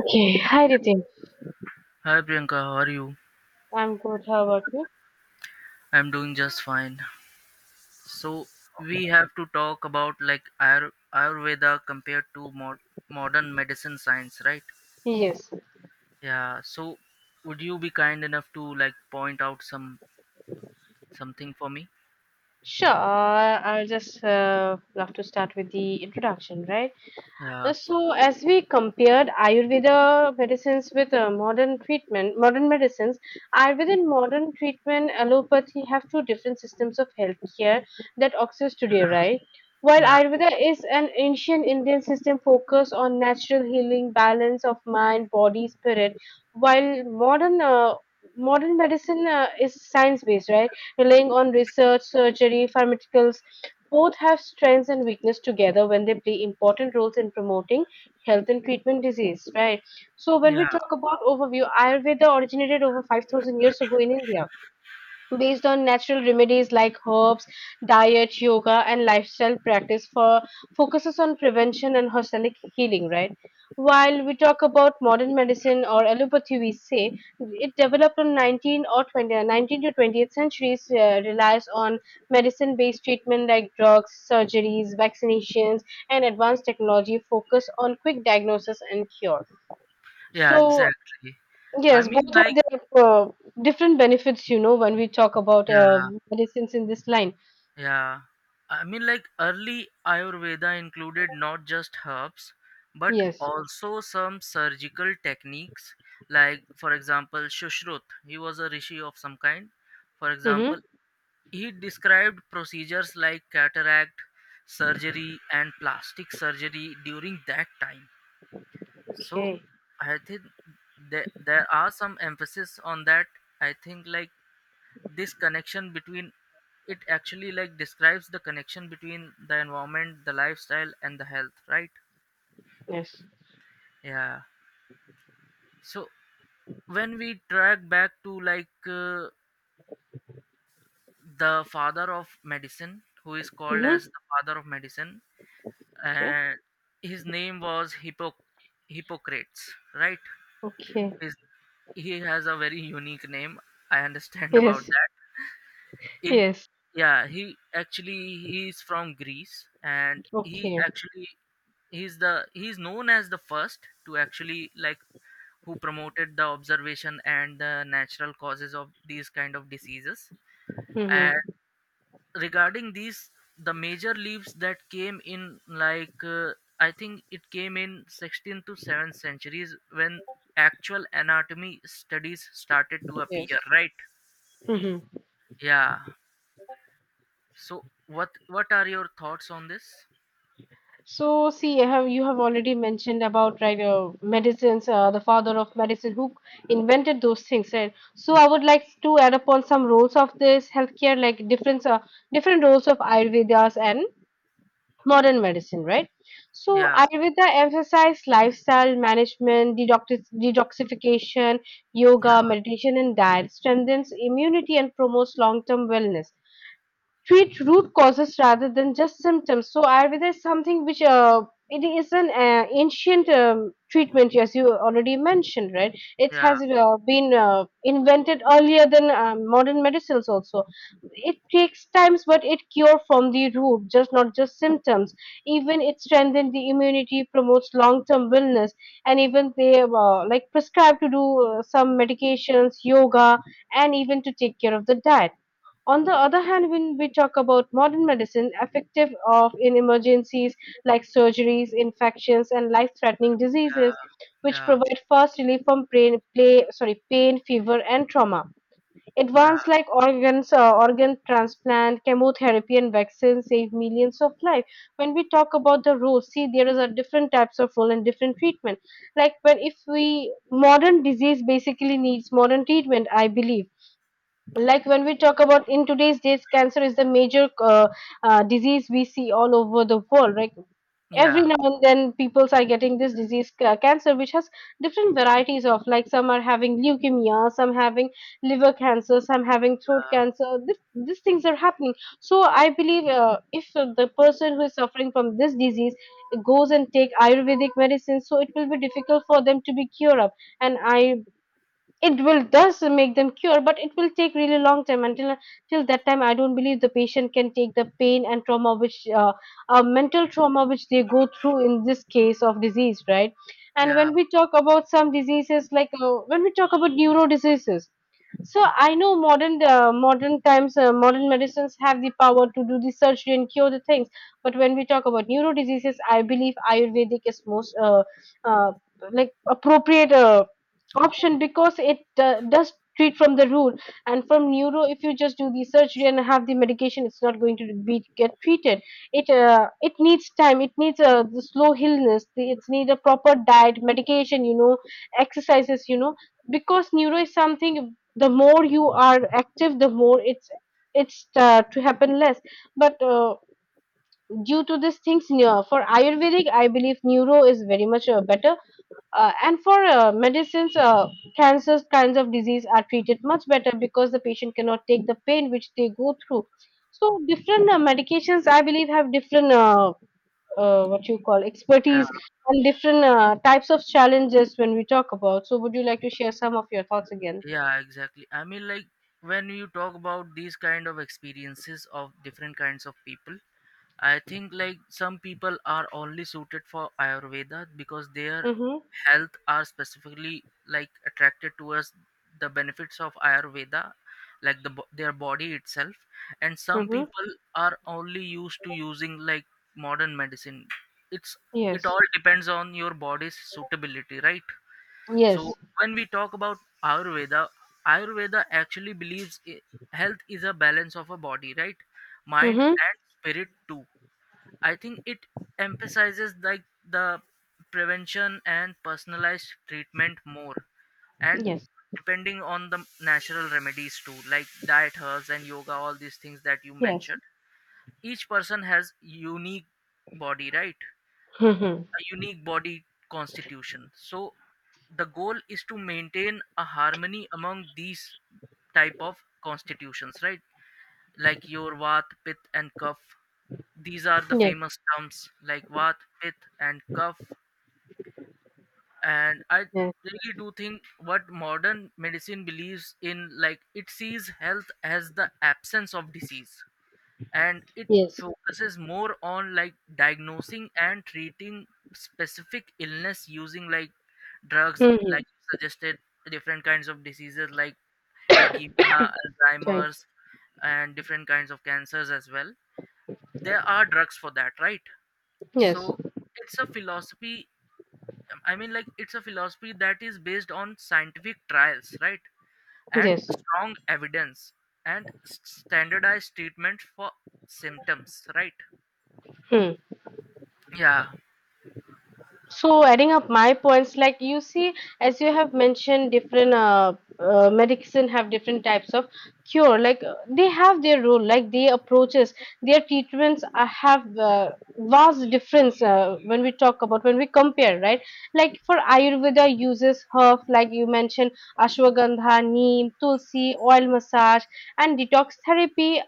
Okay, hi Ritin. Hi Priyanka, how are you? I'm good. How about you? I'm doing just fine. So we have to talk about like Ayurveda compared to modern medicine science, right? Yes. Yeah. So would you be kind enough to like point out something for me? Sure. I'll just love to start with the introduction, right? Yeah. So, as we compared Ayurveda medicines with modern treatment, modern medicines, Ayurveda and modern treatment, allopathy have two different systems of healthcare that exist today, right? While Yeah. Ayurveda is an ancient Indian system focused on natural healing, balance of mind, body, spirit, while modern medicine is science based, right? Relying on research, surgery, pharmaceuticals, both have strengths and weakness together when they play important roles in promoting health and treatment disease, right? So when we Yeah. talk about overview, Ayurveda originated over 5,000 years ago in India based on natural remedies like herbs, diet, yoga, and lifestyle practice for focuses on prevention and holistic healing, right? While we talk about modern medicine or allopathy, we say it developed in 19 to 20th centuries, relies on medicine-based treatment like drugs, surgeries, vaccinations, and advanced technology focus on quick diagnosis and cure. Yeah. So Exactly. I yes, mean, both have like, their different benefits, you know, when we talk about yeah. medicines in this line. Yeah, I mean, like early Ayurveda included not just herbs but Yes. also some surgical techniques, like, for example, Shushrut, he was a rishi of some kind. For example, Mm-hmm. he described procedures like cataract surgery and plastic surgery during that time. So, Okay. I think there are some emphasis on that. I think, like, this connection between it actually like describes the connection between the environment, the lifestyle, and the health, right? Yes. Yeah. So when we track back to like the father of medicine, who is called as Mm-hmm. the father of medicine, Okay. and his name was Hippocrates, right? Okay. His, he has a very unique name, I understand about Yes. that in Yes. yeah, he is from Greece, and Okay. He's known as the first to actually like, who promoted the observation and the natural causes of these kind of diseases. And Mm-hmm. regarding these, the major leaves that came in, like I think it came in 16th to 7th centuries, when actual anatomy studies started to Yes. appear, right? Mm-hmm. Yeah. So what are your thoughts on this? So, see, I have you have already mentioned about right medicines, the father of medicine who invented those things, right? So, I would like to add upon some roles of this healthcare, like different roles of Ayurvedas and modern medicine, right? So Yeah, Ayurveda emphasizes lifestyle management, detoxification, yeah, yoga, meditation, and diet, strengthens immunity and promotes long-term wellness treat root causes rather than just symptoms. So Ayurveda is something which it is an ancient treatment, as you already mentioned, right? It yeah, has been invented earlier than modern medicines. Also, it takes times, but it cure from the root, just not just symptoms. Even it strengthens the immunity, promotes long-term wellness, and even they like prescribe to do some medications, yoga, and even to take care of the diet. On the other hand, when we talk about modern medicine, effective of in emergencies like surgeries, infections, and life-threatening diseases, yeah, which yeah, provide fast relief from pain, play, sorry, pain, fever, and trauma. Advanced yeah, like organ transplant, chemotherapy, and vaccines save millions of lives. When we talk about the role, see there is a different types of role and different treatment. Like when if we modern disease basically needs modern treatment, I believe like when we talk about in today's days cancer is the major disease we see all over the world, right? Every yeah, now and then people are getting this cancer, which has different varieties of like some are having leukemia, some having liver cancer, some having throat cancer, these things are happening. So I believe, if the person who is suffering from this disease goes and take ayurvedic medicine, so it will be difficult for them to be cured up. And i it will does make them cure, but it will take really long time until till that time I don't believe the patient can take the pain and trauma which mental trauma which they go through in this case of disease, right? yeah, And yeah, when we talk about some diseases when we talk about neuro diseases, so I know modern times, modern medicines have the power to do the surgery and cure the things. But when we talk about neuro diseases, I believe Ayurvedic is most uh, like appropriate. Option because it does treat from the root, and from neuro if you just do the surgery and have the medication, it's not going to be get treated. It needs time, it needs a the slow illness the, it's need a proper diet medication, you know, exercises, you know, because neuro is something the more you are active the more it's to happen less. But due to these things for ayurvedic I believe neuro is very much better, and for medicines, cancers kinds of disease are treated much better because the patient cannot take the pain which they go through. So different medications, I believe, have different what you call yeah, expertise and different types of challenges when we talk about. So would you like to share some of your thoughts again? yeah, exactly. I mean, like when you talk about these kind of experiences of different kinds of people, I think like some people are only suited for Ayurveda because their Mm-hmm. health are specifically like attracted towards the benefits of Ayurveda, like the their body itself, and some Mm-hmm. people are only used to using like modern medicine. It's it Yes. all depends on your body's suitability, right? Yes. So when we talk about Ayurveda, Ayurveda actually believes, health is a balance of a body, right? Mind Mm-hmm. and spirit too. I think it emphasizes like the prevention and personalized treatment more, and Yes. depending on the natural remedies too, like diet, herbs, and yoga, all these things that you Yes. mentioned. Each person has unique body, right? Mm-hmm. A unique body constitution. So the goal is to maintain a harmony among these type of constitutions, right? Like your vat, pit, and cuff. These are the Yes. famous terms, like vat, pit, and cuff. And I Yes. really do think what modern medicine believes in, like, it sees health as the absence of disease, and it Yes. focuses more on like diagnosing and treating specific illness using like drugs, Mm-hmm. like you suggested, different kinds of diseases like leukemia, Right. Alzheimer's, and different kinds of cancers as well. There are drugs for that, right? Yes. So it's a philosophy. I mean, like, it's a philosophy that is based on scientific trials, right? And Yes. strong evidence, and standardized treatment for symptoms, right? Hmm. Yeah, So adding up my points, like you see, as you have mentioned, different medicine have different types of cure. They have their role, like their approaches, their treatments are, have vast difference when we talk about when we compare, right? Like for Ayurveda uses herb, like you mentioned, ashwagandha, neem, tulsi, oil massage, and detox therapy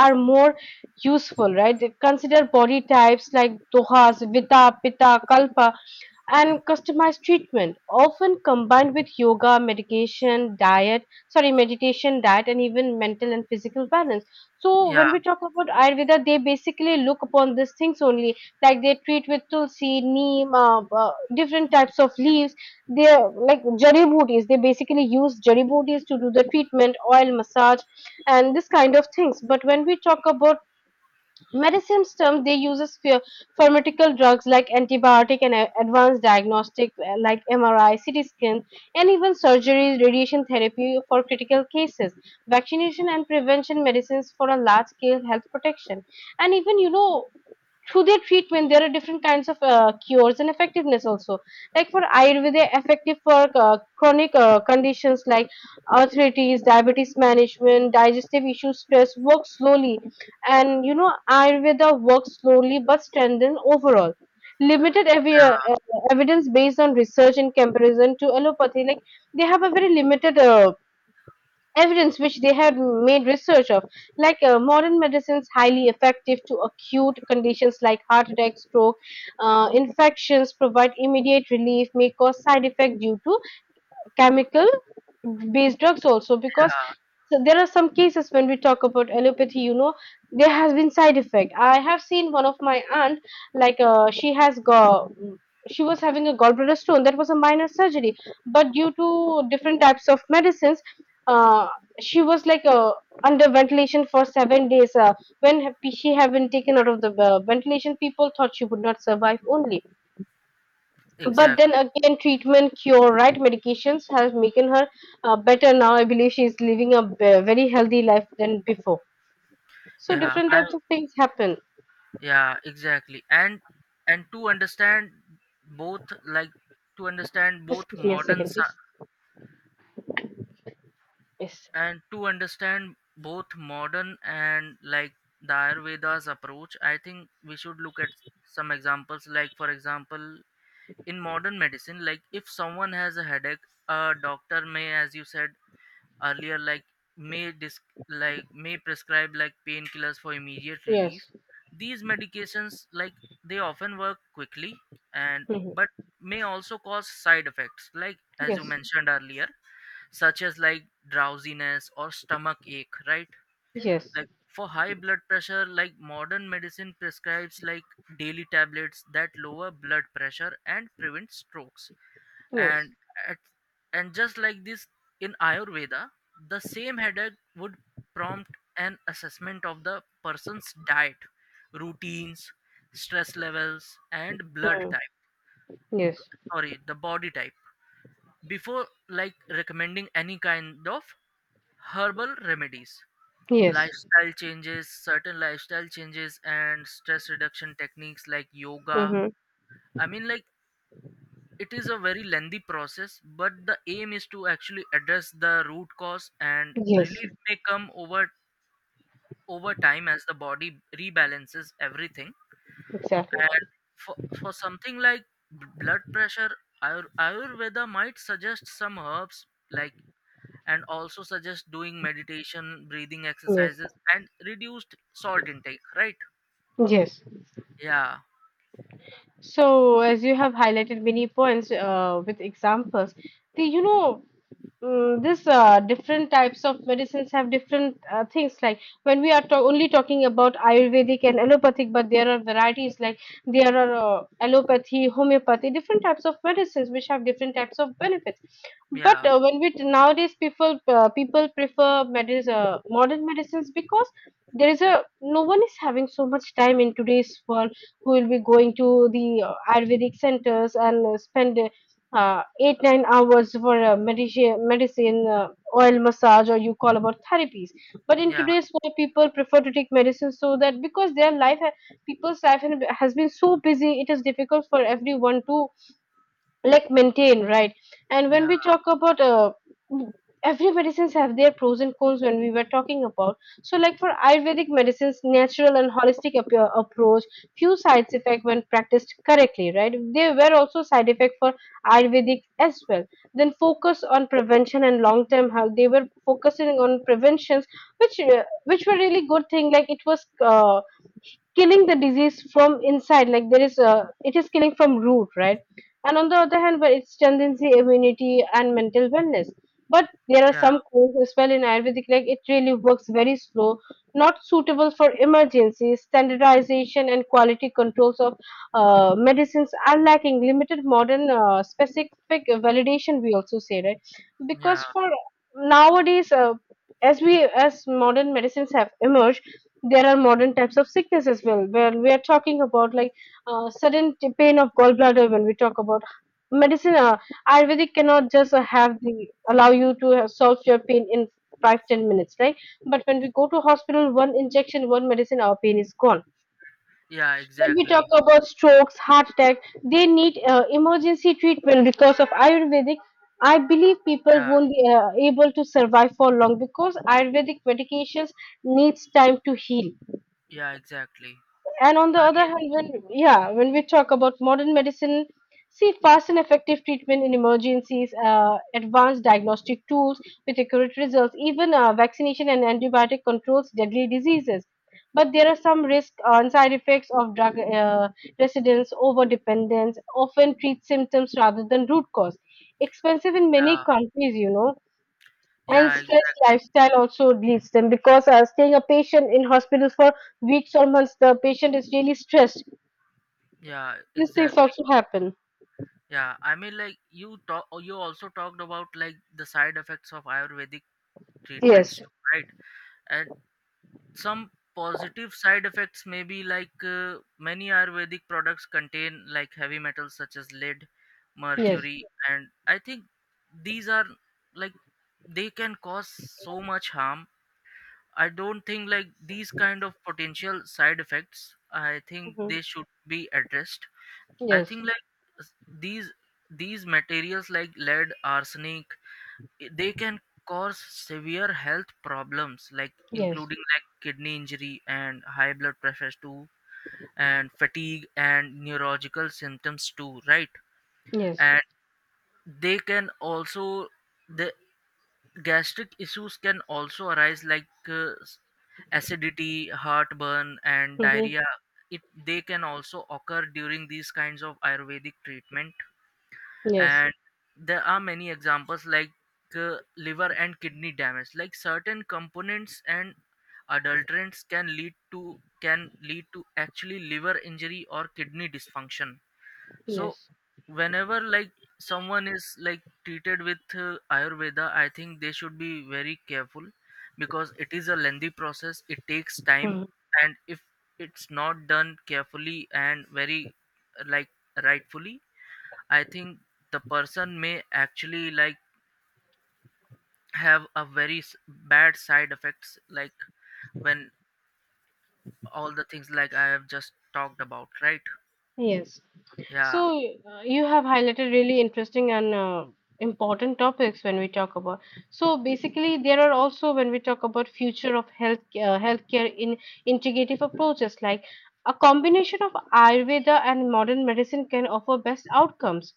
are more useful, right? They consider body types like dohas, vita, pitta, kalpa and customized treatment, often combined with yoga, medication, diet, sorry, meditation, diet, and even mental and physical balance. So when yeah, we talk about Ayurveda, they basically look upon these things only, like they treat with tulsi, neem, different types of leaves. They are like jari booties. They basically use jari booties to do the treatment, oil massage, and this kind of things. But when we talk about medicine term they uses pharmaceutical drugs like antibiotic and advanced diagnostic, like MRI, CT scan, and even surgery radiation therapy for critical cases, vaccination and prevention medicines for a large scale health protection, and even you know through their treatment there are different kinds of cures and effectiveness also, like for ayurveda effective for chronic conditions like arthritis, diabetes management, digestive issues, stress work slowly, and you know ayurveda works slowly but strengthen overall limited yeah, evidence based on research in comparison to allopathy, like they have a very limited evidence which they have made research of. Modern medicines highly effective to acute conditions like heart attack, stroke, infections, provide immediate relief, may cause side effect due to chemical based drugs also because yeah, so there are some cases when we talk about allopathy, you know, there has been side effect. I have seen one of my aunt, she has got she was having a gallbladder stone, that was a minor surgery, but due to different types of medicines, uh, she was under ventilation for seven days, when she had been taken out of the ventilation people thought she would not survive only, but then exactly. again, treatment cure, right? Medications have making her better now. I believe she's living a very healthy life than before. So Yeah, different I types of things happen. yeah, exactly. And both like to understand Just both give me a modern second, sci- please. Yes. To understand both modern and like the Ayurveda's approach, I think we should look at some examples, like for example, in modern medicine, like if someone has a headache, a doctor may, as you said earlier, like, may dis- may prescribe like painkillers for immediate relief. Yes. These medications, like, they often work quickly, and Hmm. but may also cause side effects, like as you Yes. mentioned earlier, such as like drowsiness or stomach ache, right? Yes. Like, for high blood pressure, like modern medicine prescribes like daily tablets that lower blood pressure and prevent strokes. Yes. And at, and just like this, in Ayurveda, the same headache would prompt an assessment of the person's diet, routines, stress levels, and blood Mm. type, Yes. sorry, the body type, before like recommending any kind of herbal remedies, Yes. lifestyle changes, certain lifestyle changes, and stress reduction techniques like yoga. Hmm. I mean, like, it is a very lengthy process, but the aim is to actually address the root cause, and Yes. relief may come over time as the body rebalances everything. Exactly. And for something like blood pressure, Ayurveda might suggest some herbs, like, and also suggest doing meditation, breathing Yes. exercises, and reduced salt intake, right? Yes. Yeah, So, as you have highlighted many points with examples, the, you know, mm, this different types of medicines have different things like when we are only talking about ayurvedic and allopathic, but there are varieties like there are allopathy, homeopathy, different types of medicines which have different types of benefits, but yeah, when we nowadays people prefer medis modern medicines because there is a no one is having so much time in today's world who will be going to the ayurvedic centers and spend 8 9 hours for medicine oil massage, or you call about therapies. But in yeah, today's world, people prefer to take medicine so that because people's life has been so busy. It is difficult for everyone to like maintain, right? And yeah, when we talk about, every medicines have their pros and cons when we were talking about. So like for ayurvedic medicines, natural and holistic approach, few side effects when practiced correctly, right? There were also side effects for ayurvedic as well. Then focus on prevention and long term health. They were focusing on preventions, which were really good thing. Like, it was killing the disease from inside. Like, there is a it is killing from root, right? And on the other hand, where it's tendency, immunity, and mental wellness. But there are yeah, some codes as well in ayurvedic. Like, it really works very slow, not suitable for emergencies. Standardization and quality controls of medicines are lacking, limited modern specific validation, we also say, right? yeah, Because for nowadays, as modern medicines have emerged, there are modern types of sickness as well where we are talking about. Like, sudden pain of gallbladder when we talk about medicine, ayurvedic cannot just have the allow you to solve your pain in 5 10 minutes, right? But when we go to hospital, one injection, one medicine, our pain is gone. yeah, When we talk exactly. about strokes, heart attack, they need emergency treatment, because of Ayurvedic. I believe people Yeah, won't be able to survive for long because Ayurvedic medications needs time to heal. yeah, exactly. I And on the other mean, hand, when yeah, when we talk about modern medicine, see fast and effective treatment in emergencies, advanced diagnostic tools with accurate results, even vaccination and antibiotic controls deadly diseases. But there are some risks and side effects of drug residence, over dependence, often treat symptoms rather than root cause. Expensive in many yeah, countries, and yeah, stress exactly. lifestyle also leads them, because staying a patient in hospitals for weeks or months, the patient is really stressed. Yeah, These things exactly. also happen. Yeah, I mean, like, you also talked about like the side effects of Ayurvedic treatments, Yes, too, right? And some positive side effects may be like, many Ayurvedic products contain like heavy metals such as lead, yes, mercury. And I think these are, like, they can cause so much harm. I don't think like these kind of potential side effects, I think hmm, they should be addressed. I think yes, like, s- these these materials like lead, arsenic, they can cause severe health problems like, yes, including like kidney injury and high blood pressures too, and fatigue and neurological symptoms too, right? yes, And they can also, the gastric issues can also arise, like, acidity, heartburn, and hmm, diarrhea. It they can also occur during these kinds of Ayurvedic treatment. yes, And there are many examples like, liver and kidney damage, like certain components and adulterants can lead to, actually liver injury or kidney dysfunction. So yes, whenever, like, someone is like treated with Ayurveda, I think they should be very careful, because it is a lengthy process, it takes time. hmm, And if it's not done carefully and very like rightfully, I think the person may actually like have a very bad side effects, like, when all the things like I have just talked about, right? yes. So, Yeah, you have highlighted really interesting and important topics when we talk about. So basically, there are also, when we talk about future of healthcare in integrative approaches, like a combination of Ayurveda and modern medicine can offer best outcomes,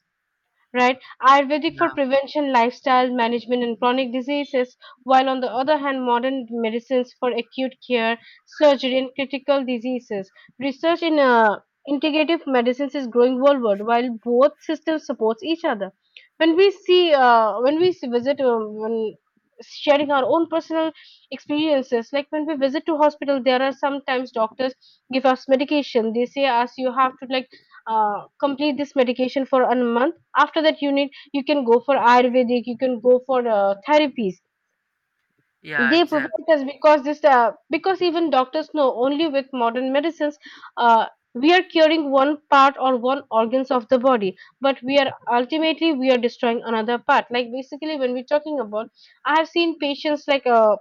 right? Ayurvedic for yeah, prevention, lifestyle management, and chronic diseases, while on the other hand, modern medicines for acute care, surgery, and critical diseases. Research in integrative medicines is growing worldwide, while both systems support each other. When we s- visit, when sharing our own personal experiences, like when we visit to hospital, there are sometimes doctors give us medication. They say us you have to like complete this medication for a month. After that you need, you can go for ayurvedic, you can go for therapies yeah, they provide exactly. us. Because this, because even doctors know only with modern medicines, uh, we are curing one part or one organs of the body, but we are ultimately we are destroying another part. Like basically when we're talking about, I have seen patients like,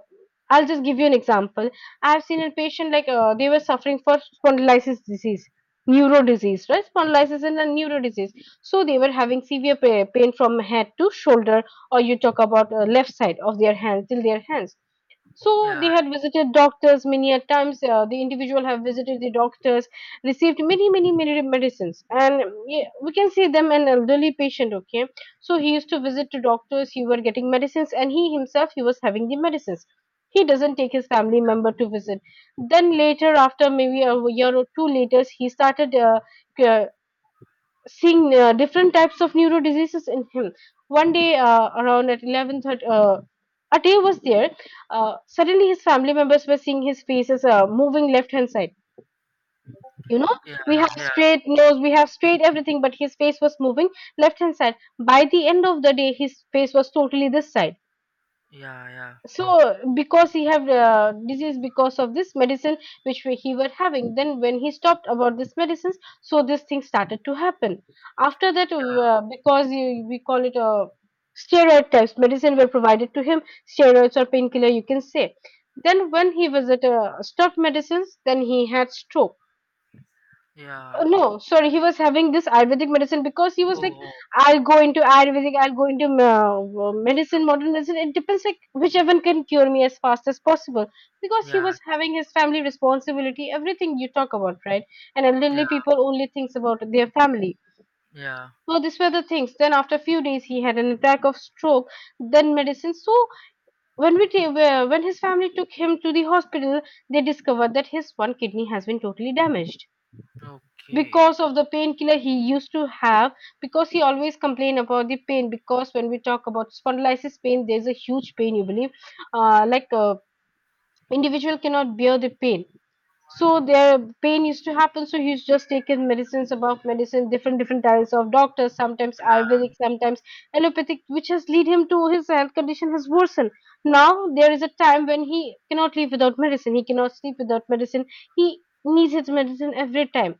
I'll just give you an example. I have seen a patient like, they were suffering for spondylitis disease, neuro disease, right? Spondylitis and a neuro disease. So they were having severe pain from head to shoulder, or you talk about left side of their hand till their hands. So they Yeah, had visited doctors many a times. The individual have visited the doctors, received many, many, many medicines, and yeah, we can see them an elderly patient. Okay, so he used to visit to doctors. He were getting medicines, and he himself he was having the medicines. He doesn't take his family member to visit. Then later, after maybe a year or two later, he started c- seeing different types of neuro diseases in him. One day, around at 11:30, a day was there. Suddenly, his family members were seeing his face as moving left hand side. You know, yeah, we yeah, have yeah, straight nose, we have straight everything, but his face was moving left hand side. By the end of the day, his face was totally this side. yeah, yeah, So because he have disease because of this medicine which he were having. Then when he stopped about this medicines, so this thing started to happen. After that, yeah, because we call it a steroid types medicine were provided to him. Steroids or painkiller you can say. Then when he was at stopped medicines, then he had stroke. yeah. No, sorry, he was having this Ayurvedic medicine, because he was like, Oh, I'll go into Ayurvedic, I'll go into modern medicine. It depends, like, whichever can cure me as fast as possible. Because okay. he Yeah, was having his family responsibility, everything you talk about, right? And elderly yeah, people only thinks about their family. yeah. So these were the things. Then after a few days, he had an attack of stroke, then medicine. So when when his family took him to the hospital, they discovered that his one kidney has been totally damaged Okay. because of the painkiller he used to have. Because he always complained about the pain, because when we talk about spondylitis pain there's a huge pain, you believe, like individual cannot bear the pain. So their pain used to happen, so he's just taken medicines above medicine, different types of doctors, sometimes Yeah. ayurvedic, sometimes allopathic, which has lead him to, his health condition has worsened. Now there is a time when he cannot live without medicine, he cannot sleep without medicine, he needs his medicine every time.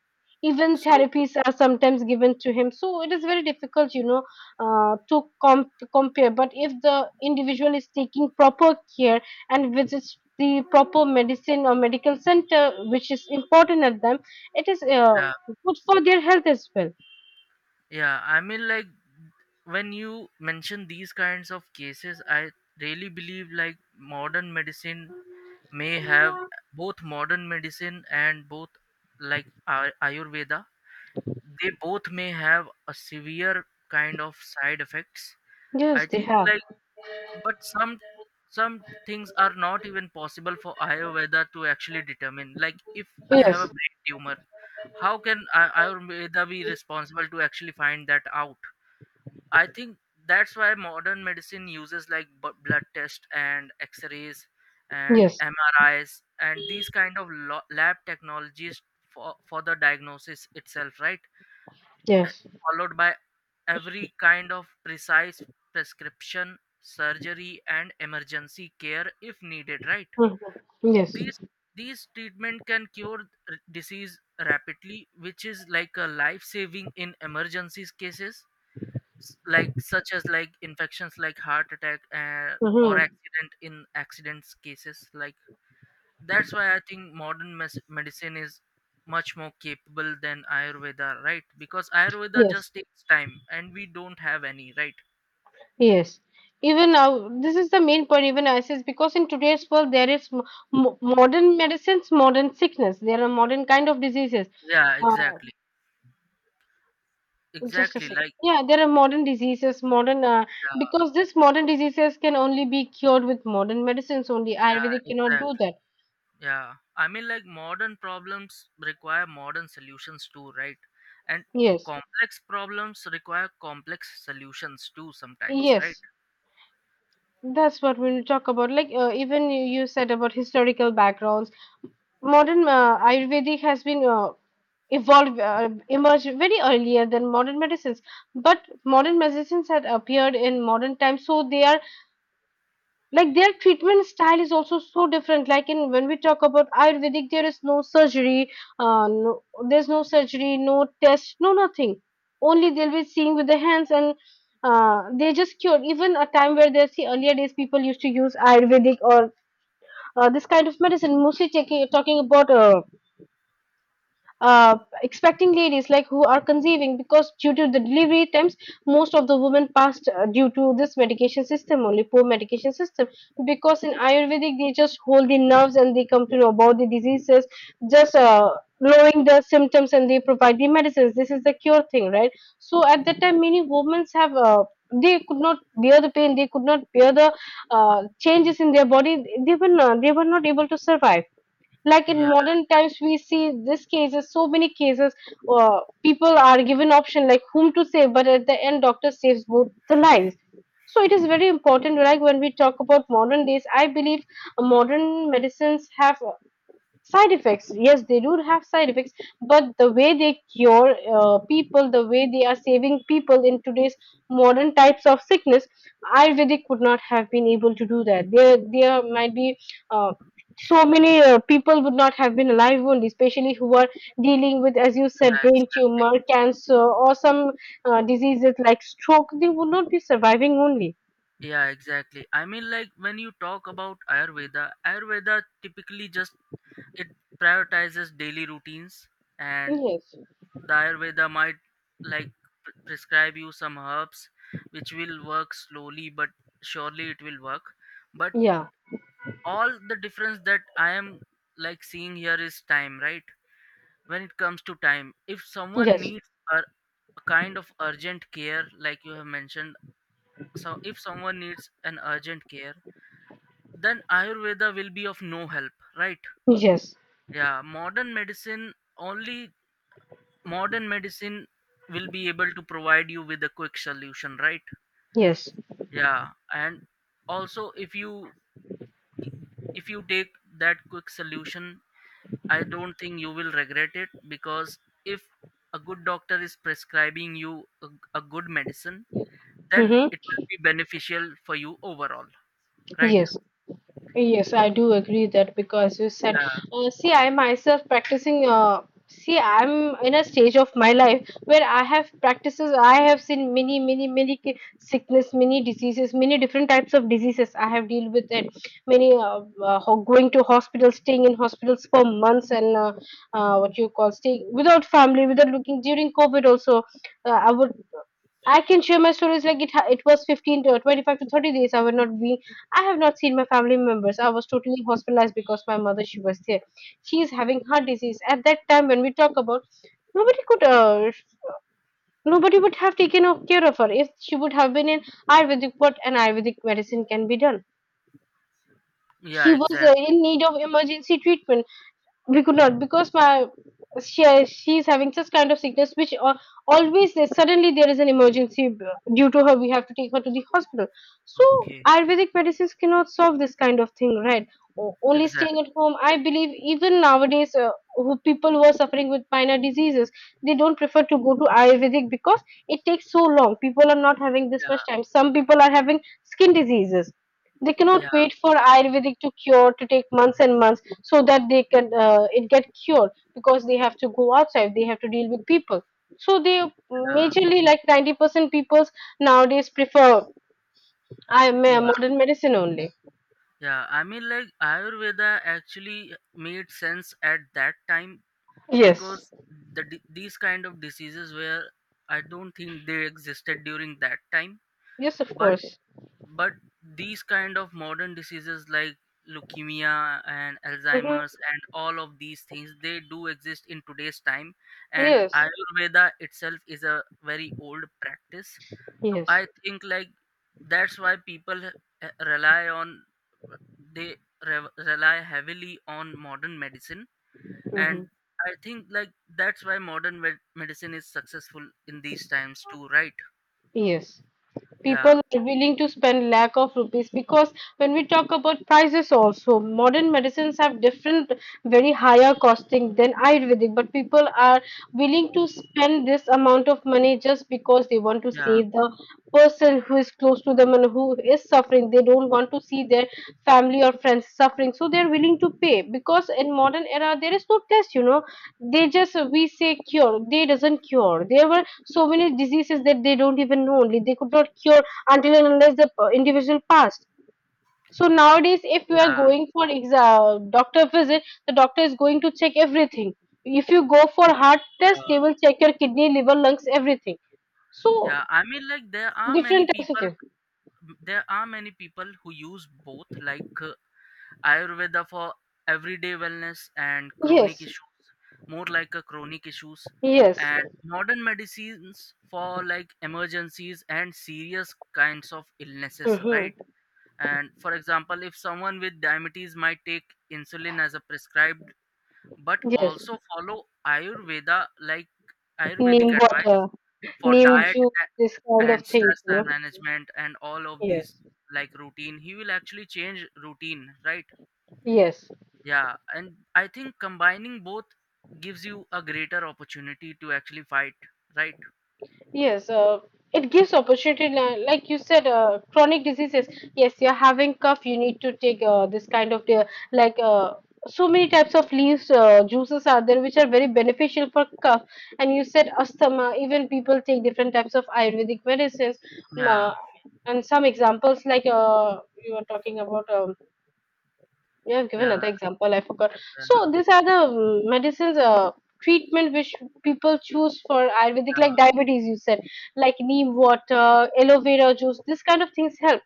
Even So, therapies are sometimes given to him, so it is very difficult, you know, to compare. But if the individual is taking proper care and visits the proper medicine or medical center, which is important at them, it is yeah, good for their health as well. yeah. I mean, like, when you mention these kinds of cases, I really believe like modern medicine may have both modern medicine and both like Ayurveda, they both may have a severe kind of side effects. Yes, I they think have. like, but some things are not even possible for Ayurveda to actually determine, like if I have a Yes, brain tumor, how can Ayurveda be responsible to actually find that out? I think that's why modern medicine uses like blood tests and X-rays and yes, MRIs and these kind of lab technologies for the diagnosis itself, right? Uh, yes, Followed by every kind of precise prescription, surgery, and emergency care if needed, right? Mhm. Yes, These these treatment can cure disease rapidly, which is like a life saving in emergencies cases, like such as like infections, like heart attack, or hmm, accidents cases, like, that's why I think modern medicine is much more capable than Ayurveda, right? Because Ayurveda yes, just takes time and we don't have any, right? yes. Even now, this is the main point. Even I says, because in today's world there is modern medicines, modern sickness. There are modern kind of diseases. Yeah, Uh, exactly. Just a Exactly, second. like, Yeah, there are modern diseases, modern yeah, because this modern diseases can only be cured with modern medicines only. yeah, Ayurvedic cannot do exactly. that. Yeah, I mean, like, modern problems require modern solutions too, right? And Yes, complex problems require complex solutions too, sometimes, right? yes, that's what we'll talk about. Like, even you said about historical backgrounds. Modern Ayurvedic has been evolved, emerged very earlier than modern medicines. But modern medicines had appeared in modern times, so they are like their treatment style is also so different. Like, in when we talk about ayurvedic, there is no surgery, no, there's no surgery, no test, no nothing. Only they'll be seeing with the hands and they just cure. Even a time where they see earlier days, people used to use ayurvedic or this kind of medicine, mostly talking about uh, expecting ladies, like who are conceiving, because due to the delivery times most of the women passed due to this medication system only, poor medication system. Because in ayurvedic they just hold the nerves and they come to know about the diseases, just lowering the symptoms and they provide the medicines. This is the cure thing, right? So at that time many women have they could not bear the pain, they could not bear the changes in their body. They were not able to survive. Like in Yeah. modern times we see this cases, so many cases. People are given option, like whom to save, but at the end doctor saves both the lives. So it is very important. Like when we talk about modern days, I believe modern medicines have side effects. Yes, they do have side effects, but the way they cure people, the way they are saving people in today's modern types of sickness, Ayurvedic would not have been able to do that. There might be uh, so many people would not have been alive only, especially who are dealing with, as you said, Yeah, brain exactly. tumor, cancer, or some diseases like stroke. They would not be surviving only. Yeah, exactly. I mean, like, when you talk about Ayurveda typically just, it prioritizes daily routines, and Yes. the Ayurveda might like prescribe you some herbs, which will work slowly, but surely it will work. But Yeah. all the difference that I am like seeing here is time, right? When it comes to time, if someone Yes. needs a kind of urgent care, like you have mentioned, so if someone needs an urgent care, then Ayurveda will be of no help, right? Yes. Yeah, modern medicine only, modern medicine will be able to provide you with a quick solution, right? Yes. Yeah. And also, if you take that quick solution, I don't think you will regret it, because if a good doctor is prescribing you a good medicine, then Mm-hmm. it will be beneficial for you overall, right? Yes. Yes, I do agree that, because you said, Yeah, see, I myself practicing. See, I'm in a stage of my life where I have practices. I have seen many, many, many sickness, many diseases, many different types of diseases. I have dealt with it. Going to hospitals, staying in hospitals for months, and what you call, staying without family, without looking, during COVID. Also, uh, I would I can share my stories like it. It was 15 to 25 to 30 days. I would not be. I have not seen my family members. I was totally hospitalized because my mother, she was there. She is having heart disease. At that time, when we talk about, nobody could. Nobody would have taken care of her if she would have been in Ayurvedic. What an Ayurvedic medicine can be done. yeah, She was exactly. in need of emergency treatment, we could not, because my she she's having such kind of sickness, which always suddenly there is an emergency due to her we have to take her to the hospital. Oh, So okay, ayurvedic medicines cannot solve this kind of thing, right? Only staying exactly. at home, I believe, even nowadays, who people who are suffering with minor diseases, they don't prefer to go to ayurvedic because it takes so long. People are not having this much Yeah, time. Some people are having skin diseases, they cannot yeah, wait for ayurvedic to cure, to take months and months so that they can, it get cured, because they have to go outside, they have to deal with people. So they yeah. majorly like 90% peoples nowadays prefer Yeah, modern medicine only. yeah. I mean, like, Ayurveda actually made sense at that time, Yes, because the these kind of diseases were I don't think they existed during that time. yes of But course, but these kind of modern diseases like leukemia and Alzheimer's hmm, and all of these things, they do exist in today's time. And yes, Ayurveda itself is a very old practice, so yes, I think like, that's why people, rely on they rely heavily on modern medicine. hmm, And I think like that's why modern medicine is successful in these times too, right? yes. Yeah, People are willing to spend lakh of rupees, because when we talk about prices also, modern medicines have different very higher costing than ayurvedic, but people are willing to spend this amount of money just because they want to yeah, save the person who is close to them and who is suffering. They don't want to see their family or friends suffering, so they're willing to pay. Because in modern era there is no test, you know, they just, we say cure, they doesn't cure. There were so many diseases that they don't even know only, they could not cure until and unless the individual passed. So nowadays if you are yeah, going for exam doctor visit, the doctor is going to check everything. If you go for heart test, they yeah. will check your kidney, liver, lungs, everything. So Yeah, I mean, like, different types of things. there are many people who use both, like, Ayurveda for everyday wellness and chronic Yes, issues, more like a chronic issues, yes, and modern medicines for like emergencies and serious kinds of illnesses, right? hmm. And for example, if someone with diabetes might take insulin as a prescribed, but Yes, also follow Ayurveda, like neem Ayurvedic water, advice for neem diet, juice, this a- kind of and thing. stress You and know? management and all of these, Yes, like, routine, he will actually change routine, right? yes, Yeah, and I think combining both gives you a greater opportunity to actually fight, right? yes. It gives opportunity, like you said, chronic diseases. Yes, you're having cough, you need to take this kind of like. So many types of leaves, juices are there which are very beneficial for cough. And you said asthma, even people take different types of ayurvedic medicines. um, Yeah, uh, and some examples, like you were talking about, you have given yeah, another example. I forgot. So yeah, these are the medicines, treatment which people choose for Ayurvedic, yeah, like diabetes. You said like neem water, aloe vera juice. This kind of things help.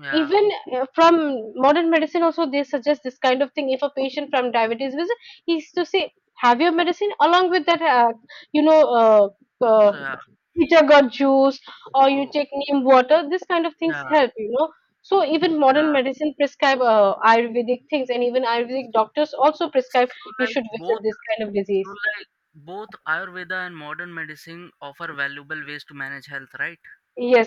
yeah. Even from modern medicine also they suggest this kind of thing. If a patient from diabetes visit, he's to say have your medicine along with that, you know uh, uh, So yeah, jagger juice, or you so take neem water, this kind of things yeah, help, you know. So even modern yeah. medicine prescribe ayurvedic things, and even ayurvedic doctors also prescribe So you like should visit both, this kind of so disease. like Ayurveda and modern medicine offer valuable ways to manage health, right? Yes.